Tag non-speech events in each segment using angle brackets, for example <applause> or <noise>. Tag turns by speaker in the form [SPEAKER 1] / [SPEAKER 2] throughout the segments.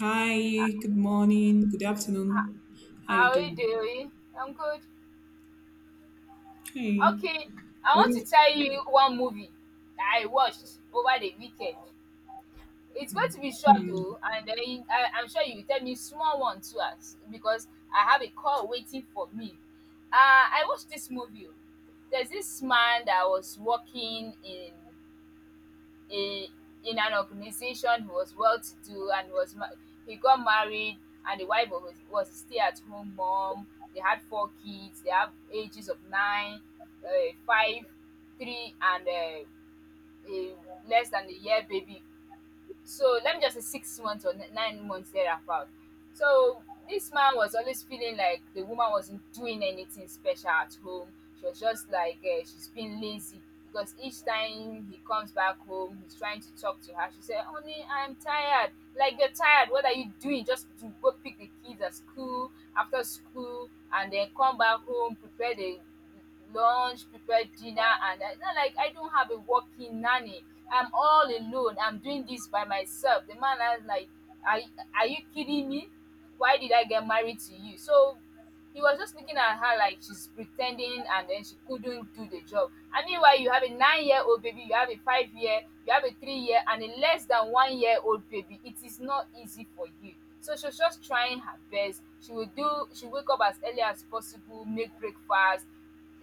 [SPEAKER 1] Hi, good morning, good afternoon. How you
[SPEAKER 2] How are you
[SPEAKER 1] doing?
[SPEAKER 2] doing? I'm good.
[SPEAKER 1] Okay.
[SPEAKER 2] Okay, I
[SPEAKER 1] What
[SPEAKER 2] want to
[SPEAKER 1] is
[SPEAKER 2] tell you one movie that I watched over the weekend. It's going to be short
[SPEAKER 1] hmm,
[SPEAKER 2] though, and then I'm sure you will tell me small one too, as because I have a call waiting for me. I watched this movie. Oh. There's this man that was working in in in an organization. He was well to do and he got married, and the wife was a stay at home mom. They had four kids. They have ages of nine, five, three, and a less than a year baby, so let me just say 6 months or 9 months thereabout. So this man was always feeling like the woman wasn't doing anything special at home. She was just like she's being lazy because each time he comes back home, he's trying to talk to her. She said, "Honey, I'm tired." Like, you're tired. What are you doing? Just to go pick the kids at school after school, and then come back home, prepare the lunch, prepare dinner, and not like I don't have a working nanny. I'm all alone. I'm doing this by myself. The man has like, are, are you kidding me? Why did I get married to you? So he was just looking at her like she's pretending and then she couldn't do the job. And meanwhile, you have a 9 year old baby, you have a 5 year, you have a 3 year, and a less than 1 year old baby. It is not easy for you. So she was just trying her best. She wake up as early as possible, make breakfast,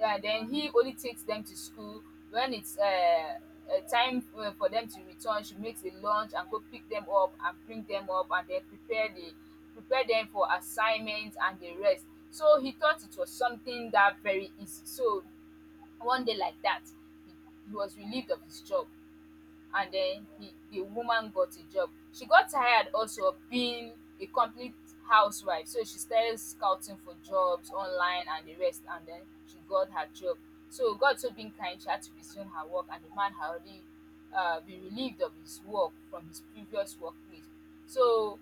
[SPEAKER 2] and then he only takes them to school when it's a time for them to return. She makes a lunch and go pick them up and bring them up and then prepare them for assignments and the rest. So he thought it was something that very easy. So one day like that, he, he was relieved of his job. And then the woman got a job. She got tired also of being a complete housewife, so she started scouting for jobs online and the rest, and then she got her job. So God so being kind, she had to resume her work, and the man had already been relieved of his work from his previous workplace. So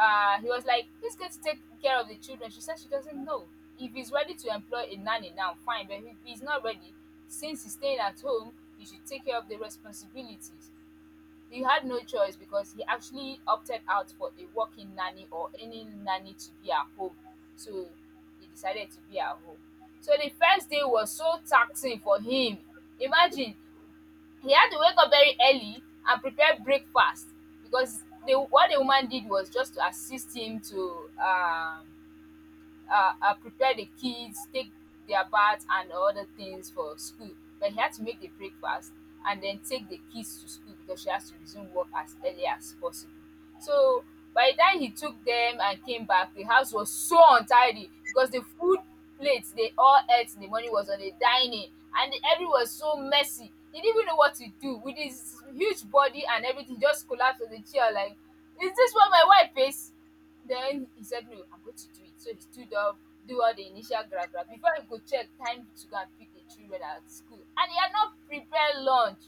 [SPEAKER 2] he was like, "He's going to take care of the children." She said she doesn't know if he's ready to employ a nanny now, fine, but if he's not ready, since he's staying at home, he should take care of the responsibilities. He had no choice because he actually opted out for a working nanny or any nanny to be at home. So he decided to be at home. So the first day was so taxing for him. Imagine, he had to wake up very early and prepare breakfast because the what the woman did was just to assist him to prepare the kids, take their bath and other things for school. But he had to make the breakfast and then take the kids to school because she has to resume work as early as possible. So by the time he took them and came back, the house was so untidy because the food plates they all ate in the morning was on the dining and the everything was so messy. He didn't even know what to do with his huge body and everything just collapsed on the chair like, is this what my wife is? Then he said, "No, I'm going to do it." So he stood up, do all the initial grab grab. Before he go check, time to go and pick the children at school. And he had not prepared lunch.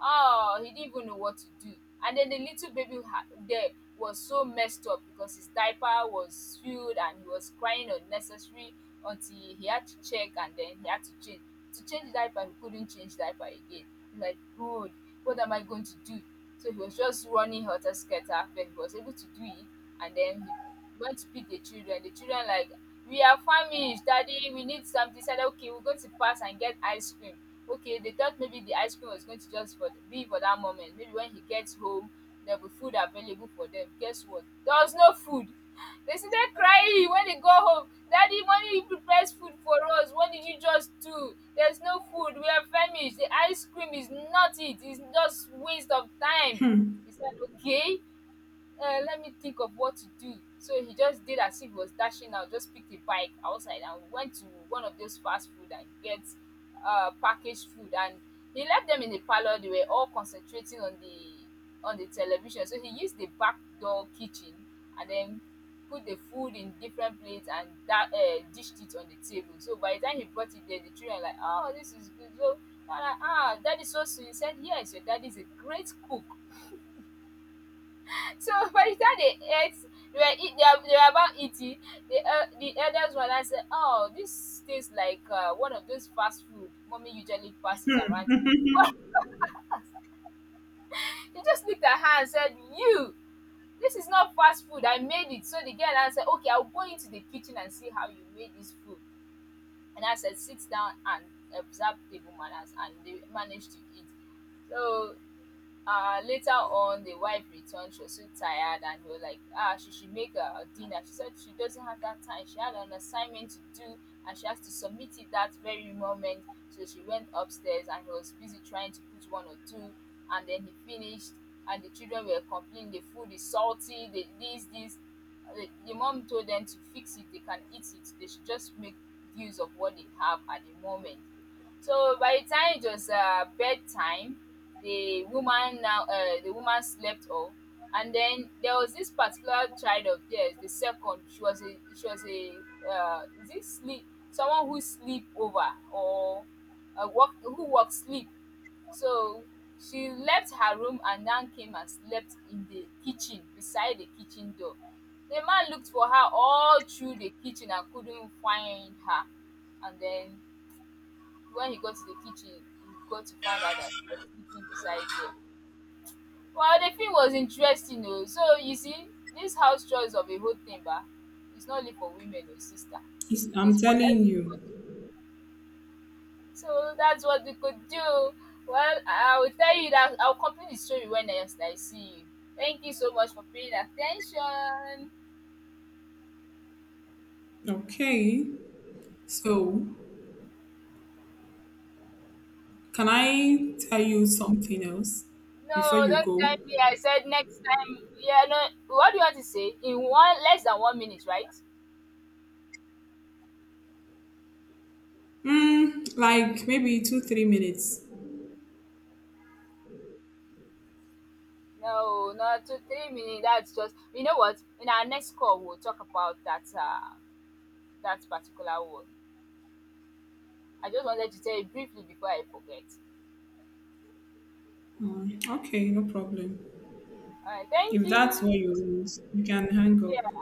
[SPEAKER 2] Oh, he didn't even know what to do. And then the little baby there was so messed up because his diaper was spilled and he was crying unnecessary until he had to check and then he had to change. To change diaper, he couldn't change diaper again. He's like, God, what am I going to do? So he was just running helter skelter, but he was able to do it. And then he going to pick the children. The children like, "We are famished, daddy, we need something." He said, "Okay, we're going to pass and get ice cream." Okay, they thought maybe the ice cream was going to just for be for that moment. Maybe when he gets home, there'll be food available for them. Guess what? There was no food. They started crying when they go home. "Daddy, mommy prepares food for us. What did you just do? There's no food. We are famished. The ice cream is not it. It's just waste of time."
[SPEAKER 1] hmm.
[SPEAKER 2] He said, "Okay, let me think of what to do." So he just did as if he was dashing out, just picked a bike outside and went to one of those fast food and get packaged food. And he left them in the parlor. They were all concentrating on the television. So he used the back door kitchen and then put the food in different plates and that dished it on the table. So by the time he brought it there, the children were like, "Oh, this is good. So, ah, ah, daddy so sweet." He said, "Yes, your daddy is a great cook." So <laughs> by the time they ate, they were about eating, the elders one I said, "Oh, this tastes like one of those fast food mommy usually passes around." <laughs> But he just looked at her and said, "You, this is not fast food. I made it." So the girl answered, "Okay, I'll go into the kitchen and see how you made this food." And I said, "Sit down and observe table manners." And they managed to eat. So later on the wife returned, she was so tired and he was like ah she should make a dinner. She said she doesn't have that time, she had an assignment to do and she has to submit it that very moment. So she went upstairs and he was busy trying to put one or two, and then he finished and the children were complaining the food is salty, the mom told them to fix it, they can eat it, they should just make use of what they have at the moment. So by the time it was bedtime, the woman slept off. And then there was this particular child of theirs, the second, she was a is it sleep, someone who sleep over or work who work sleep. So she left her room and now came and slept in the kitchen beside the kitchen door. The man looked for her all through the kitchen and couldn't find her. And then when he got to the kitchen, he got to find out that she was sleeping beside there. Well, the film was interesting o. So you see, this house chores of a whole thing bah. It's not only for women or sister,
[SPEAKER 1] It's- I'm
[SPEAKER 2] it's for
[SPEAKER 1] telling you.
[SPEAKER 2] everybody. So that's what we could do. Well, I will tell you that I will complete the story when next I see you. Thank you so much for paying attention.
[SPEAKER 1] Okay. So can I tell you something else before
[SPEAKER 2] No,
[SPEAKER 1] you
[SPEAKER 2] don't tell
[SPEAKER 1] go?
[SPEAKER 2] me, I said next time. Yeah, no, what do you want to say? In one less than 1 minute, right?
[SPEAKER 1] Hmm, like maybe two, 3 minutes.
[SPEAKER 2] No, not two, three minutes. That's just, you know what? In our next call, we'll talk about that. That particular word. I just wanted to tell you briefly before I forget.
[SPEAKER 1] Hmm, okay, no problem.
[SPEAKER 2] All right, thank
[SPEAKER 1] If that's what
[SPEAKER 2] you.
[SPEAKER 1] you want, you can hang up.
[SPEAKER 2] Yeah.